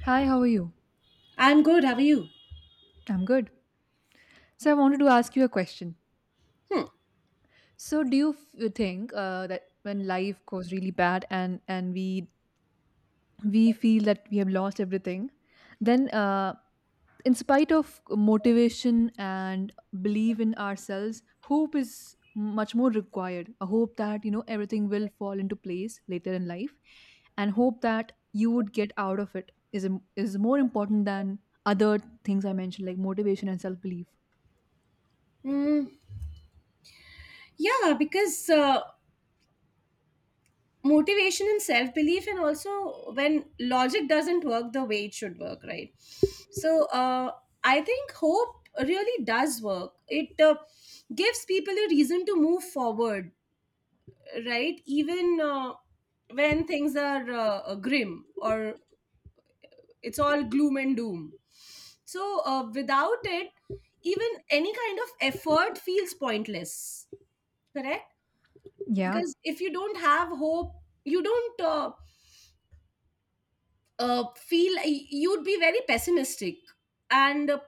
Hi, how are you? I'm good. How are you? I'm good. So, I wanted to ask you a question. Hmm. So, do you think that when life goes really bad and we feel that we have lost everything, then in spite of motivation and belief in ourselves, hope is much more required. A hope that you know everything will fall into place later in life, and hope that you would get out of it is more important than other things I mentioned like motivation and self belief. Mm, yeah, because motivation and self belief, and also when logic doesn't work the way it should work, right? So I think hope really does work. It gives people a reason to move forward, right? Even when things are grim or it's all gloom and doom. So without it, even any kind of effort feels pointless, correct? Yeah. Because if you don't have hope you don't feel you'd be very pessimistic and uh,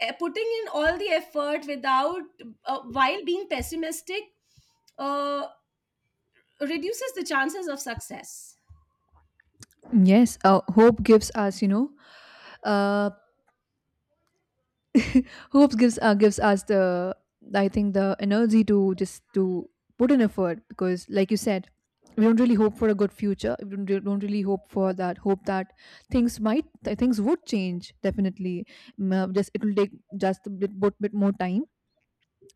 eh, putting in all the effort without while being pessimistic uh, reduces the chances of success. Yes, hope gives us, uh, hope gives us the I think the energy to just to put in effort because, like you said, we don't really hope for a good future. We don't really hope for that. Hope that things might things would change definitely. Just it will take just a bit more time.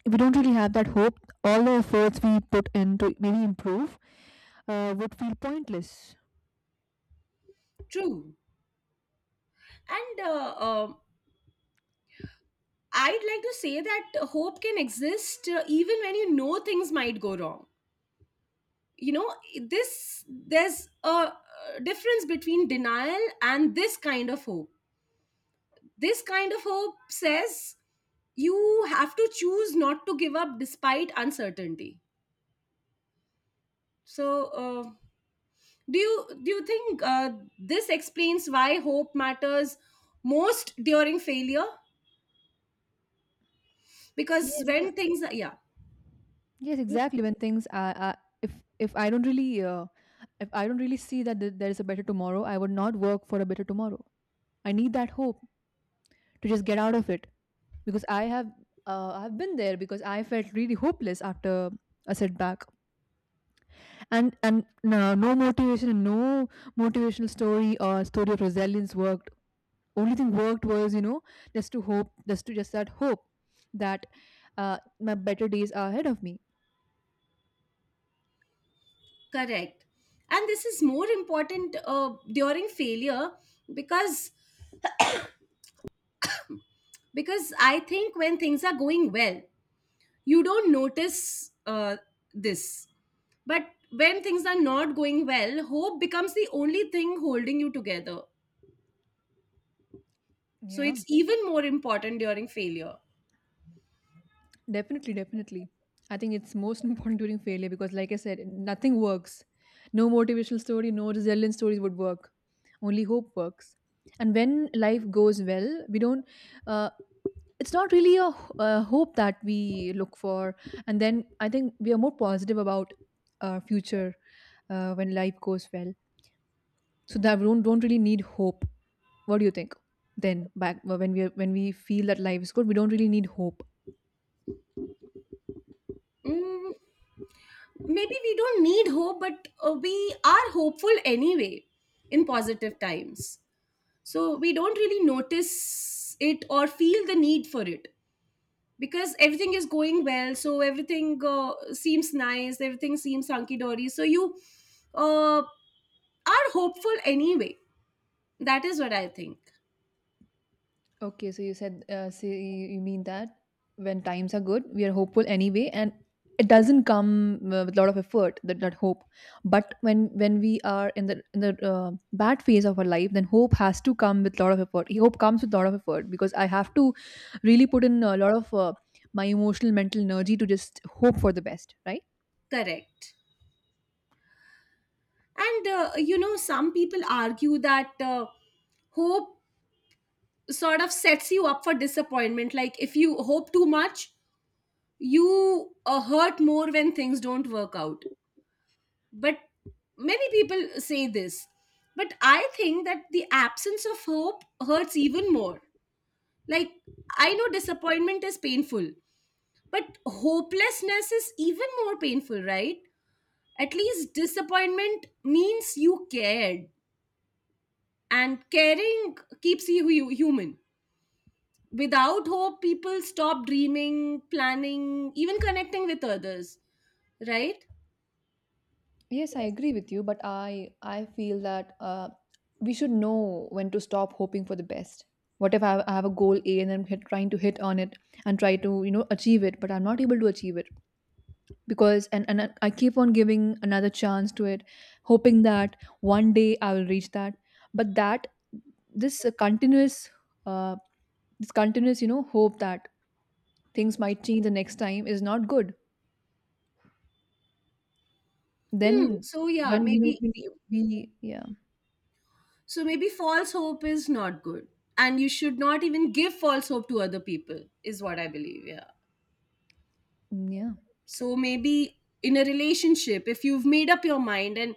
If we don't really have that hope, all the efforts we put in to maybe improve would feel pointless. True. And I'd like to say that hope can exist even when you know things might go wrong, you know, this there's a difference between denial and this kind of hope. This kind of hope says you have to choose not to give up despite uncertainty. So, do you think this explains why hope matters most during failure? Because Yes, when things are, yeah, yes, exactly. When things are, if if I don't really if I don't really see that there is a better tomorrow, I would not work for a better tomorrow. I need that hope to just get out of it because I have I've been there because I felt really hopeless after a setback. And no, no motivation and no motivational story or story of resilience worked. Only thing worked was you know just to hope just to just that hope that my better days are ahead of me. correct. And this is more important during failure because I think when things are going well you don't notice this. But when things are not going well, hope becomes the only thing holding you together. So Yeah, it's even more important during failure. definitely. I think it's most important during failure because like I said, nothing works. No motivational story, no resilience stories would work. Only hope works. And when life goes well we don't, uh, it's not really a hope that we look for. And then I think we are more positive about our future when life goes well, so that we don't really need hope. What do you think? Then back when we feel that life is good, we don't really need hope. Mm, maybe we don't need hope, but we are hopeful anyway in positive times. So we don't really notice it or feel the need for it because everything is going well. So everything seems nice, everything seems hunky dory. So you uh, are hopeful anyway. That is what I think. Okay, so you said, so you mean that when times are good, we are hopeful anyway, and it doesn't come with a lot of effort, that hope. But when we are in the bad phase of our life, then hope has to come with a lot of effort. Hope comes with a lot of effort because I have to really put in a lot of my emotional, mental energy to just hope for the best, right? Correct. And you know, some people argue that hope sort of sets you up for disappointment. Like if you hope too much, you hurt more when things don't work out. But many people say this. But I think that the absence of hope hurts even more. Like I know disappointment is painful, but hopelessness is even more painful, right? At least disappointment means you cared, and caring keeps you human. Without hope people stop dreaming, planning, even connecting with others, right? Yes, I agree with you, but I feel that we should know when to stop hoping for the best. What if I have a goal A and trying to hit on it and try to you know achieve it, but I'm not able to achieve it because and I keep on giving another chance to it, hoping that one day I will reach that. But that this continuous uh, this continuous you know hope that things might change the next time is not good. Hmm, Then so yeah, when we know maybe, we, we yeah. so maybe false hope is not good, and you should not even give false hope to other people is what I believe. Yeah. Mm, yeah. So maybe in a relationship, if you've made up your mind and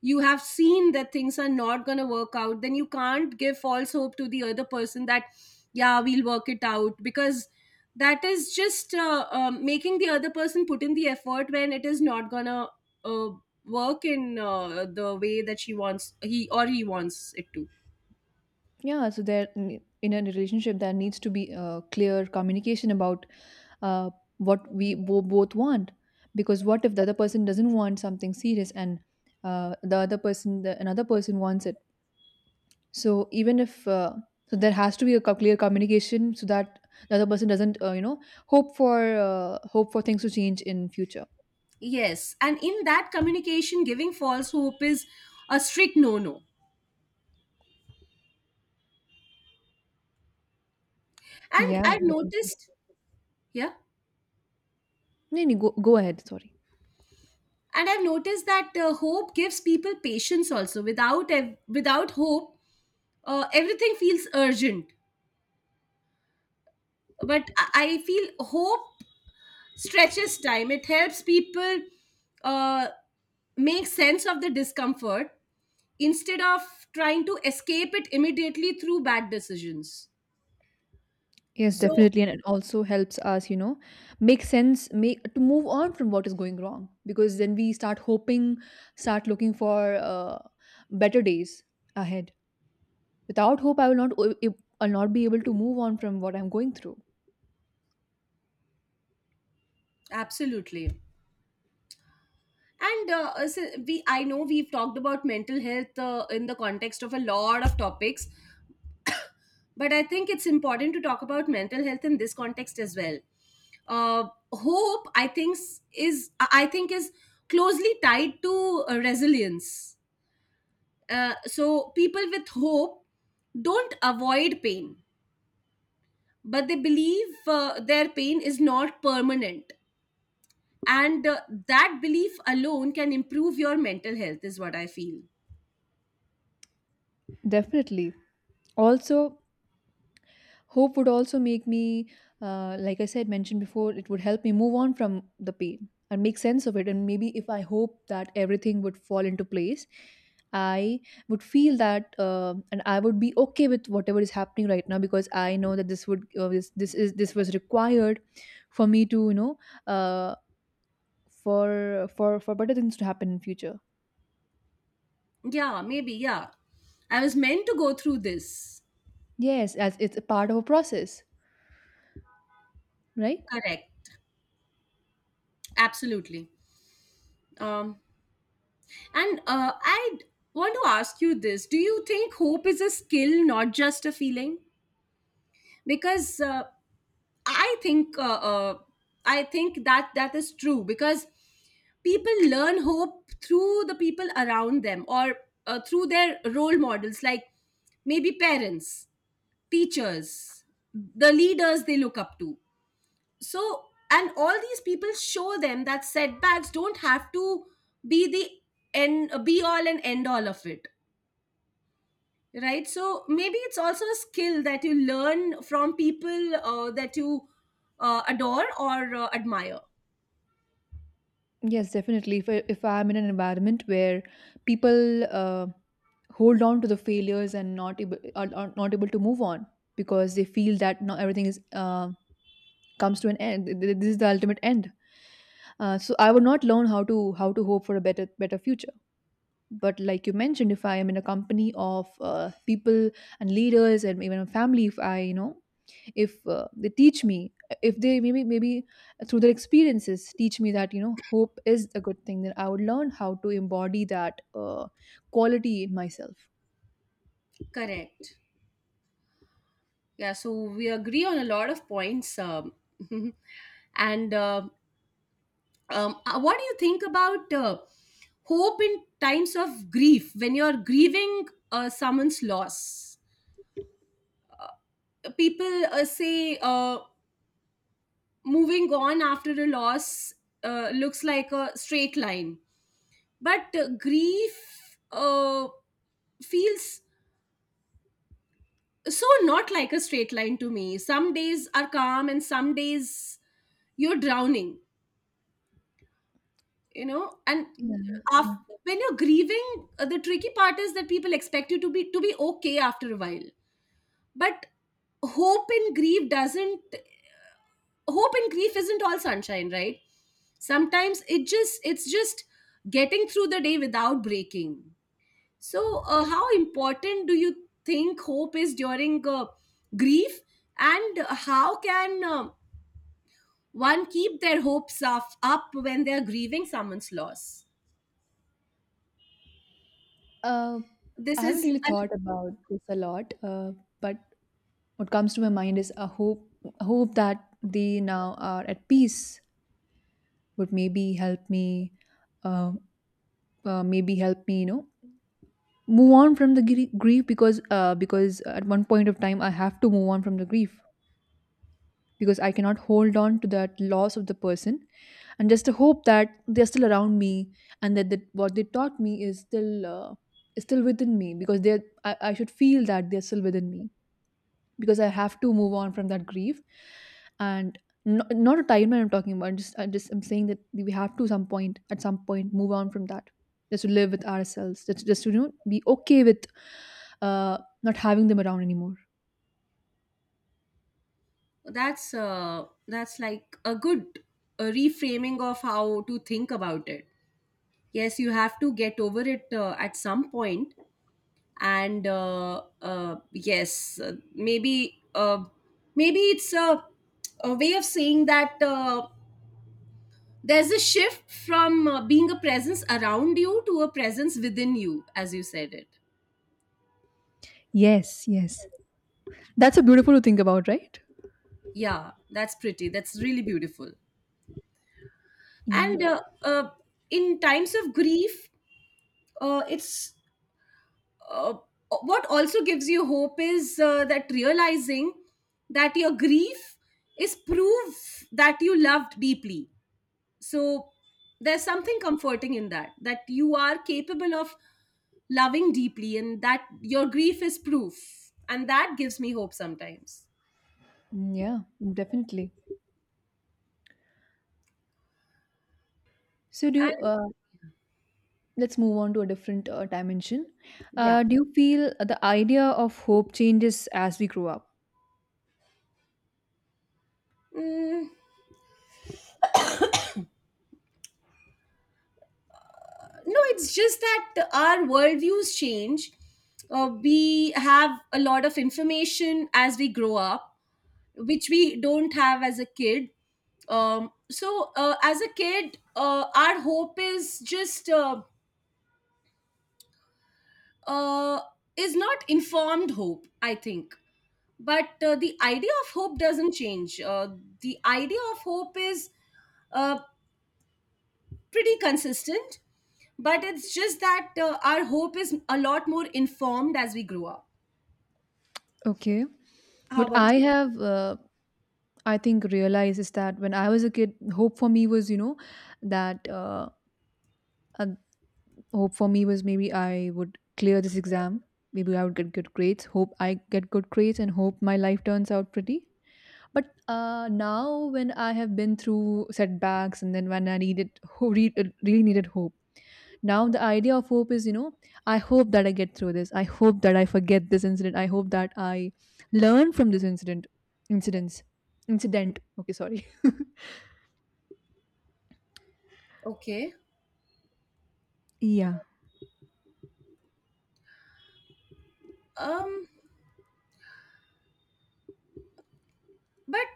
you have seen that things are not going to work out, then you can't give false hope to the other person that, yeah, we'll work it out, because that is just making the other person put in the effort when it is not going to uh, work in the way that she wants, he wants it to. Yeah, so in a relationship there needs to be a clear communication about uh, what we both want. Because what if the other person doesn't want something serious and the other person, the another person wants it? So even if so, there has to be a clear communication so that the other person doesn't, you know, hope for hope for things to change in future. Yes. And in that communication, giving false hope is a strict no no. And Yeah, I've definitely. noticed, yeah, No, no, go go ahead. Sorry. and I've noticed that hope gives people patience also. Without without hope everything feels urgent, but I feel hope stretches time. It helps people uh, make sense of the discomfort instead of trying to escape it immediately through bad decisions. Yes, So definitely, and it also helps us, you know, make sense, make to move on from what is going wrong, because then we start hoping, start looking for better days ahead. Without hope, I will not, I'll not be able to move on from what I'm going through. absolutely. And so we I know we've talked about mental health in the context of a lot of topics, but I think it's important to talk about mental health in this context as well. Hope, I think, s- is I think is closely tied to resilience. So people with hope don't avoid pain, but they believe their pain is not permanent, and that belief alone can improve your mental health. Is what I feel. Definitely. Also, hope would also make me, like I said, mentioned before, it would help me move on from the pain and make sense of it. And maybe if I hope that everything would fall into place, I would feel that, and I would be okay with whatever is happening right now because I know that this would, this this is this was required for me to, you know, uh, for for better things to happen in future. Yeah, maybe. Yeah, I was meant to go through this. Yes, as it's a part of a process, right? Correct. Absolutely. Um, And I want to ask you this. Do you think hope is a skill, not just a feeling? Because I think. Uh, uh, I think that that is true because people learn hope through the people around them or through their role models, like maybe parents, teachers, the leaders they look up to. So and all these people show them that setbacks don't have to be the end be all and end all of it, right? So maybe it's also a skill that you learn from people that you adore or admire. Yes, definitely. If I'm in an environment where people hold on to the failures and not able, are not able to move on because they feel that not everything is comes to an end. This is the ultimate end. So I would not learn how to hope for a better future. But like you mentioned, if I am in a company of people and leaders and even a family, if I you know if they teach me, if they maybe through their experiences teach me that you know hope is a good thing, then I would learn how to embody that quality in myself. Correct. Yeah, so we agree on a lot of points, and what do you think about hope in times of grief, when you're grieving someone's loss? People say moving on after a loss looks like a straight line, but grief feels so not like a straight line to me. Some days are calm and some days you're drowning, you know, and af Yeah. when you're grieving the tricky part is that people expect you to be okay after a while, but hope in grief doesn't hope in grief isn't all sunshine, right? Sometimes it's just getting through the day without breaking. So, how important do you think hope is during grief, and how can one keep their hopes up when they are grieving someone's loss? Uh, I This haven't is really thought about this a lot, but what comes to my mind is a hope that they now are at peace would uh, maybe help me, you know, move on from the grief because at one point of time I have to move on from the grief because I cannot hold on to that loss of the person, and just the hope that they're still around me and that the, what they taught me is still within me because they I should feel that they're still within me because I have to move on from that grief. And not, not a timeline I'm talking about. Just I just I'm saying that we have to some point at some point move on from that. Just to live with ourselves. Just to you know be okay with not having them around anymore. That's like a good reframing of how to think about it. Yes, you have to get over it at some point, and yes, maybe maybe it's a way of saying that. There's a shift from being a presence around you to a presence within you, as you said it. Yes, yes. That's a beautiful to think about, right? Yeah, that's pretty. That's really beautiful. Yeah. And in times of grief, it's uh, what also gives you hope is that realizing that your grief is proof that you loved deeply. So there's something comforting in that, that you are capable of loving deeply and that your grief is proof, and that gives me hope sometimes. Mm, yeah, definitely. So, do And you, let's move on to a different dimension. Yeah. Do you feel the idea of hope changes as we grow up? Mm, no, it's just that our worldviews change. We have a lot of information as we grow up which we don't have as a kid. So as a kid our hope is just uh, is not informed hope, I think. But the idea of hope doesn't change. The idea of hope is uh, pretty consistent, but it's just that our hope is a lot more informed as we grow up. Okay. How But about I you? have I think realizes that when I was a kid, hope for me was you know that uh, hope for me was maybe I would clear this exam, maybe I would get good grades. Hope I get good grades and hope my life turns out pretty. But now when I have been through setbacks and then when I needed really needed hope, now the idea of hope is you know I hope that I get through this. I hope that I forget this incident. I hope that I learn from this incidents incident. Okay, sorry. Okay. Yeah, Um, but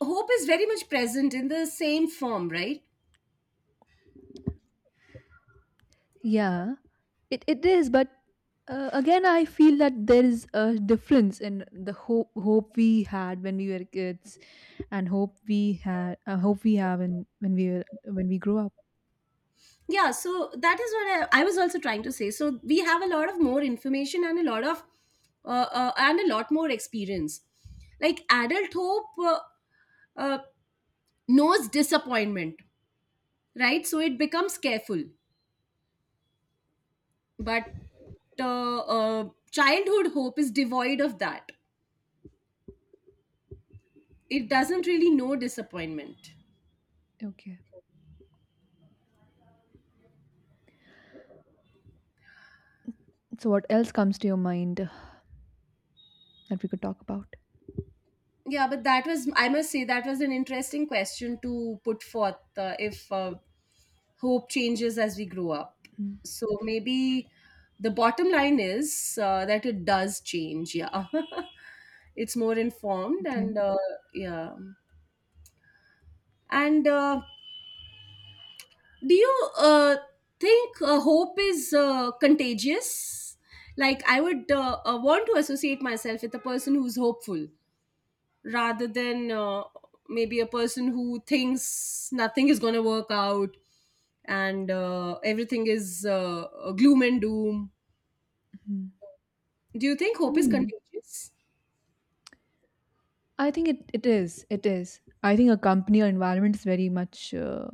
hope is very much present in the same form, right? yeah, it is. But again, I feel that there is a difference in the hope we had when we were kids, and hope we have in when we were when we grew up. Yeah, so that is what I was also trying to say. So we have a lot of more information and a lot of and a lot more experience. Like adult hope uh, knows disappointment, right? So it becomes careful. But childhood hope is devoid of that. It doesn't really know disappointment. Okay. So what else comes to your mind that we could talk about? Yeah, but that was, I must say, that was an interesting question to put forth, if hope changes as we grow up. Mm, So maybe the bottom line is that it does change. Yeah. It's more informed, and okay. Yeah. And do you think hope is contagious? Like, I would want to associate myself with a person who's hopeful rather than maybe a person who thinks nothing is going to work out, and everything is gloom and doom. Mhm. Do you think hope is Mm. contagious? I think it is. It is. I think a company or environment is very much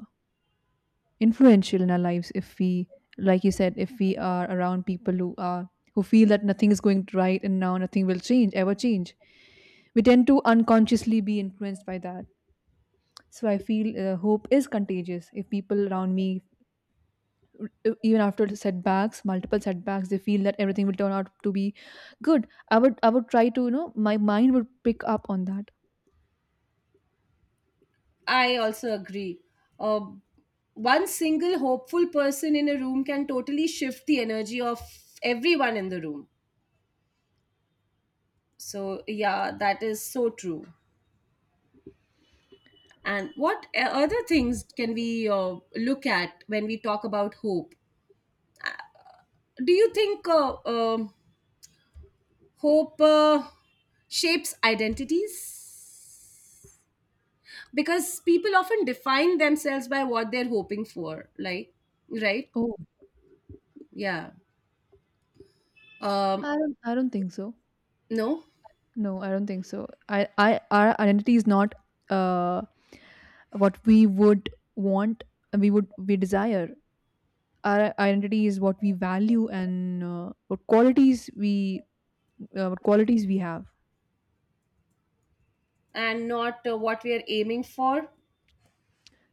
influential in our lives. If we like you said if we are around people who are who feel that nothing is going right and now nothing will change ever change, we tend to unconsciously be influenced by that. So I feel hope is contagious. If people around me, even after setbacks multiple setbacks they feel that everything will turn out to be good, I would try to you know my mind would pick up on that. I also agree. Uh, One single hopeful person in a room can totally shift the energy of everyone in the room. So, yeah, that is so true. And what other things can we look at when we talk about hope? Do you think hope shapes identities, because people often define themselves by what they're hoping for, like, right? Oh, Yeah. Um, I don't think so. no, No, I don't think so. I our identity is not uh, what we would want and we desire. Our identity is what we value and what qualities we have. and not what we are aiming for.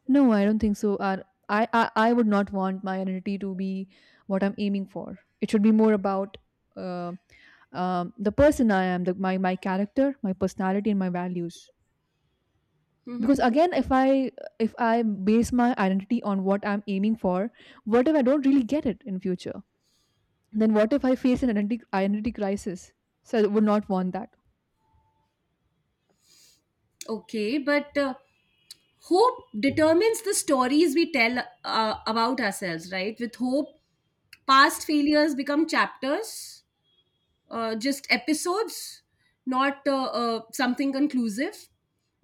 No, I don't think so. I would not want my identity to be what I'm aiming for. It should be more about uh, the person I am, my my character, my personality, and my values. Because Hmm. again if I base my identity on what I'm aiming for, what if I don't really get it in future? Then what if I face an identity crisis? So I would not want that. Okay, but hope determines the stories we tell about ourselves, right? With hope, past failures become chapters, just episodes, not something conclusive.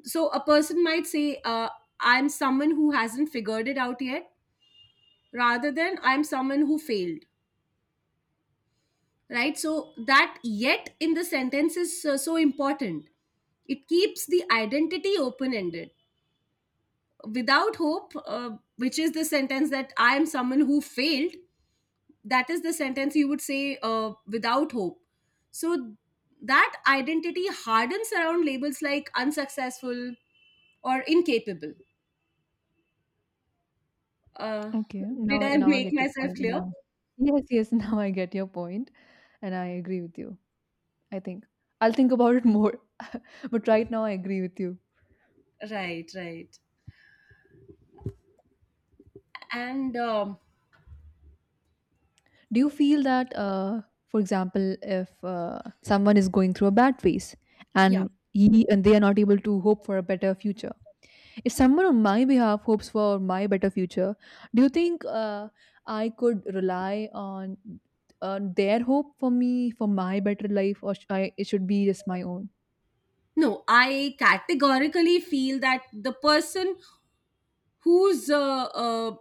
So a person might say, I'm someone who hasn't figured it out yet, rather than I'm someone who failed, right? So that yet in the sentence is so important. It keeps the identity open ended. Without hope, which is the sentence that I am someone who failed, that is the sentence you would say without hope. So that identity hardens around labels like unsuccessful or incapable. Uh, Okay, did I now I make get your myself point and clear? yes, yes, now I get your point and I agree with you. I think I'll think about it more. But right now I agree with you. Right, right. And Do you feel that for example if someone is going through a bad phase yeah, and he and they are not able to hope for a better future, if someone on my behalf hopes for my better future, do you think I could rely on their hope for me for my better life or it should be just my own? no, I categorically feel that the person who's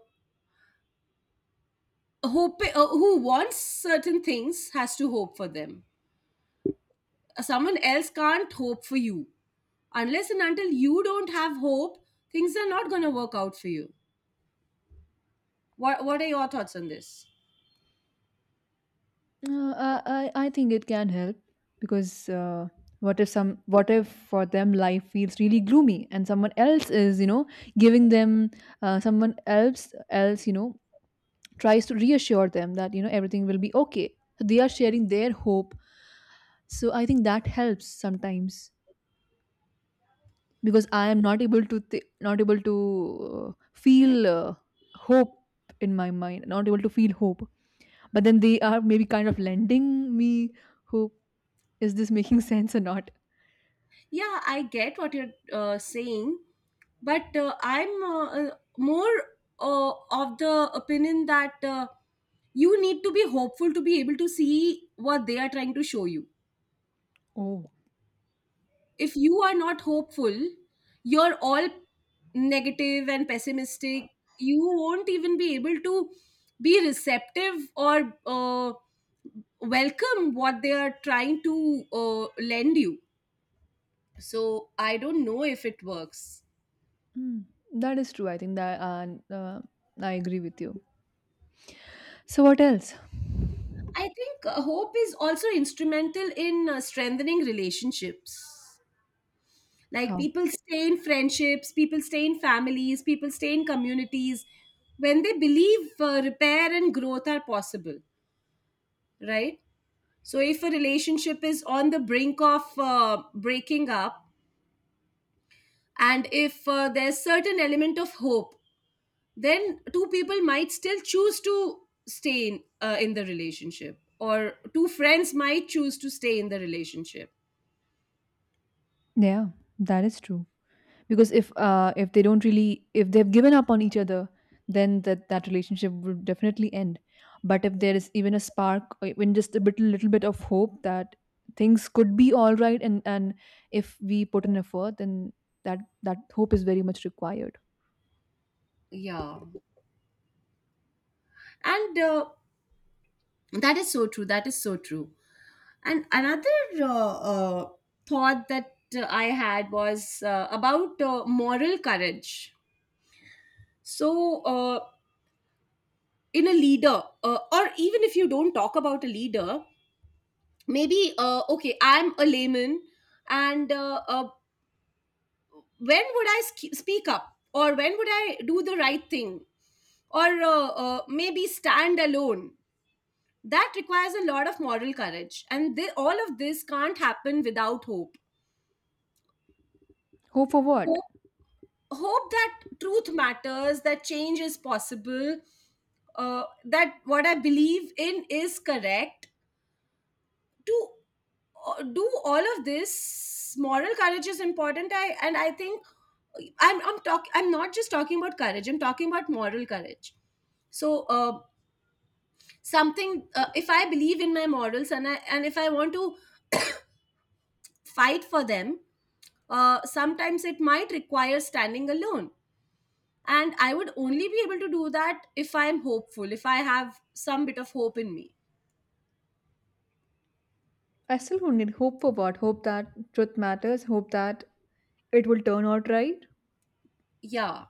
hope who wants certain things has to hope for them. Someone else can't hope for you unless and until you don't have hope. Things are not gonna work out for you. What are your thoughts on this? I think it can help because what if for them life feels really gloomy and someone else is you know giving them someone else else you know tries to reassure them that you know everything will be okay. So they are sharing their hope. So I think that helps sometimes because I am not able to not able to feel hope in my mind, not able to feel hope. But then they are maybe kind of lending me hope. Is this making sense or not? Yeah, I get what you're saying, but I'm more of the opinion that you need to be hopeful to be able to see what they are trying to show you. Oh, If you are not hopeful, you're all negative and pessimistic. You won't even be able to be receptive or welcome what they are trying to lend you. So I don't know if it works. mm, that is true. I think that uh, I agree with you. So what else? I think hope is also instrumental in strengthening relationships. Like How? people stay in friendships, people stay in families, people stay in communities when they believe repair and growth are possible, right? So if a relationship is on the brink of breaking up and if there's certain element of hope, then two people might still choose to stay in the relationship or two friends might choose to stay in the relationship. Yeah, that is true. Because if they don't really if they've given up on each other, then that relationship would definitely end. But if there is even a spark, or even just a bit little bit of hope that things could be all right, and if we put in effort, then that hope is very much required. Yeah. And that is so true. That is so true. And another uh, uh, thought that I had was about moral courage. So, in a leader, or even if you don't talk about a leader, maybe, okay, I'm a layman, and when would I speak up? Or when would I do the right thing? Or maybe stand alone? That requires a lot of moral courage, and they, all of this can't happen without hope. Hope for what? Hope, hope that truth matters, that change is possible, that what I believe in is correct. To do all of this, moral courage is important. I and I think I'm talk I'm not just talking about courage, I'm talking about moral courage. So something, if I believe in my morals and and if I want to fight for them. Sometimes it might require standing alone. And I would only be able to do that if I'm hopeful, if I have some bit of hope in me. I still don't need hope for what? Hope that truth matters, hope that it will turn out right. Yeah.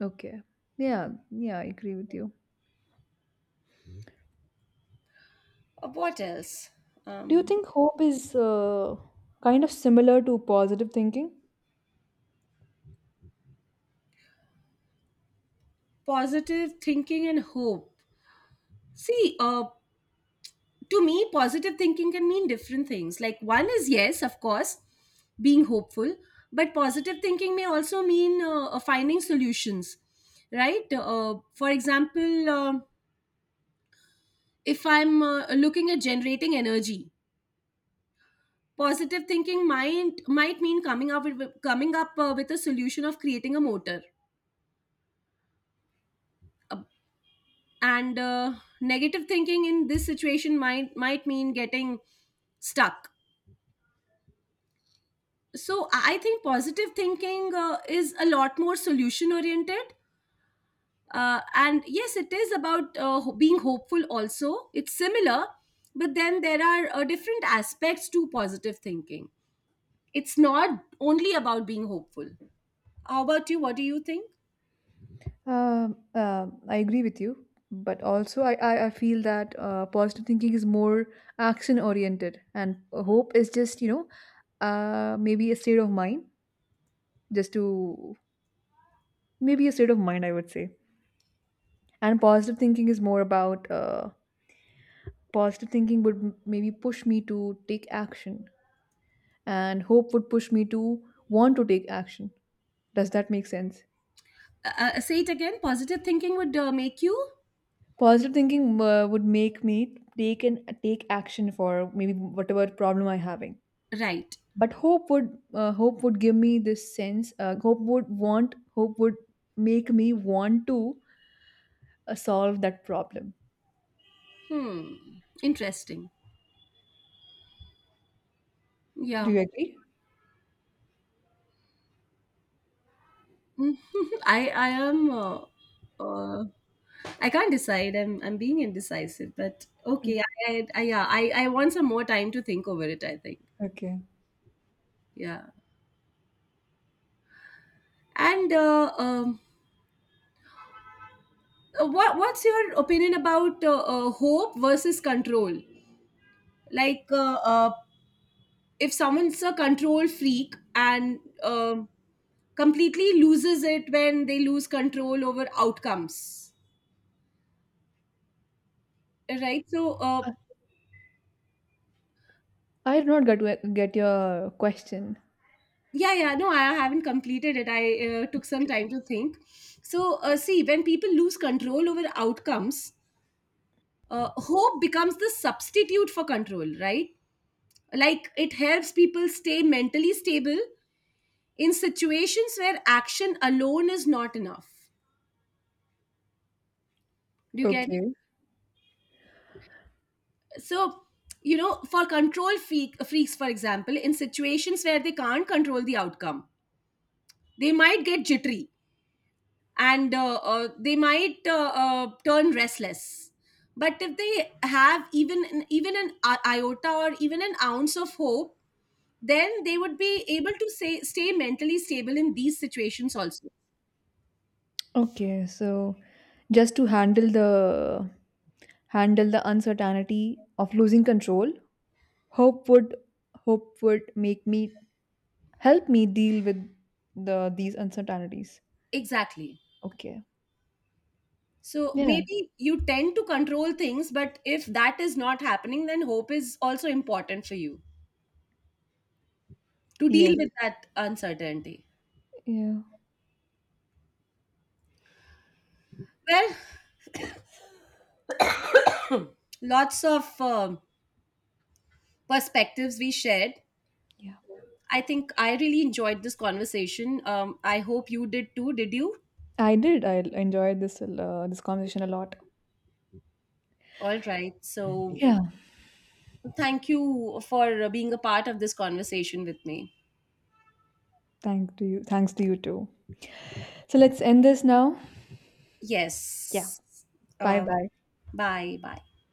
Okay. Yeah, yeah, I agree with you. What else? Do you Um, think hope is kind of similar to positive thinking? Positive thinking and hope. See, to me, positive thinking can mean different things. Like, one is yes, of course, being hopeful, but positive thinking may also mean finding solutions, right? For example, um, if I'm looking at generating energy, positive thinking might mean coming up with a solution of creating a motor. Uh, and Negative thinking in this situation might mean getting stuck. So I think positive thinking is a lot more solution oriented. And yes, it is about being hopeful also. It's similar, but then there are different aspects to positive thinking. It's not only about being hopeful. How about you? What do you think? I agree with you, but also I feel that positive thinking is more action oriented, and hope is just, you know, maybe a state of mind, just to maybe a state of mind, I would say. And positive thinking is more about positive thinking would maybe push me to take action, and hope would push me to want to take action. Does that make sense? Say it again, positive thinking would make you. Positive thinking would make me take action for maybe whatever problem I'm having. Right. But hope would give me this sense. Hope would want. Hope would make me want to solve that problem. Hmm, interesting. Do Yeah. you agree? Mhm. I am uh, I can't decide, I'm being indecisive, but Mm, okay, I yeah, I want some more time to think over it, I think. okay. Yeah. And what what's your opinion about hope versus control, like if someone's a control freak and um completely loses it when they lose control over outcomes, right? So I did not get your question. yeah, yeah, no I haven't completed it, I took some time to think. So see, when people lose control over outcomes, hope becomes the substitute for control, right? Like it helps people stay mentally stable in situations where action alone is not enough. Do you get it? Okay. So you know, for freaks for example, in situations where they can't control the outcome, they might get jittery, and they might turn restless. But if they have even an iota or even an ounce of hope, then they would be able to stay mentally stable in these situations also. Okay, so just to handle the uncertainty of losing control, hope would make me help me deal with these uncertainties. Exactly. Okay. So Yeah. maybe you tend to control things, but if that is not happening, then hope is also important for you to Yes. deal with that uncertainty. Yeah. Well, lots of perspectives we shared. Yeah, I think I really enjoyed this conversation. I hope you did too. Did you? I did. I enjoyed this this conversation a lot. All right. So Yeah, thank you for being a part of this conversation with me. thank to you, thanks to you too. So let's end this now. Yes. Bye Um bye. Bye. Bye.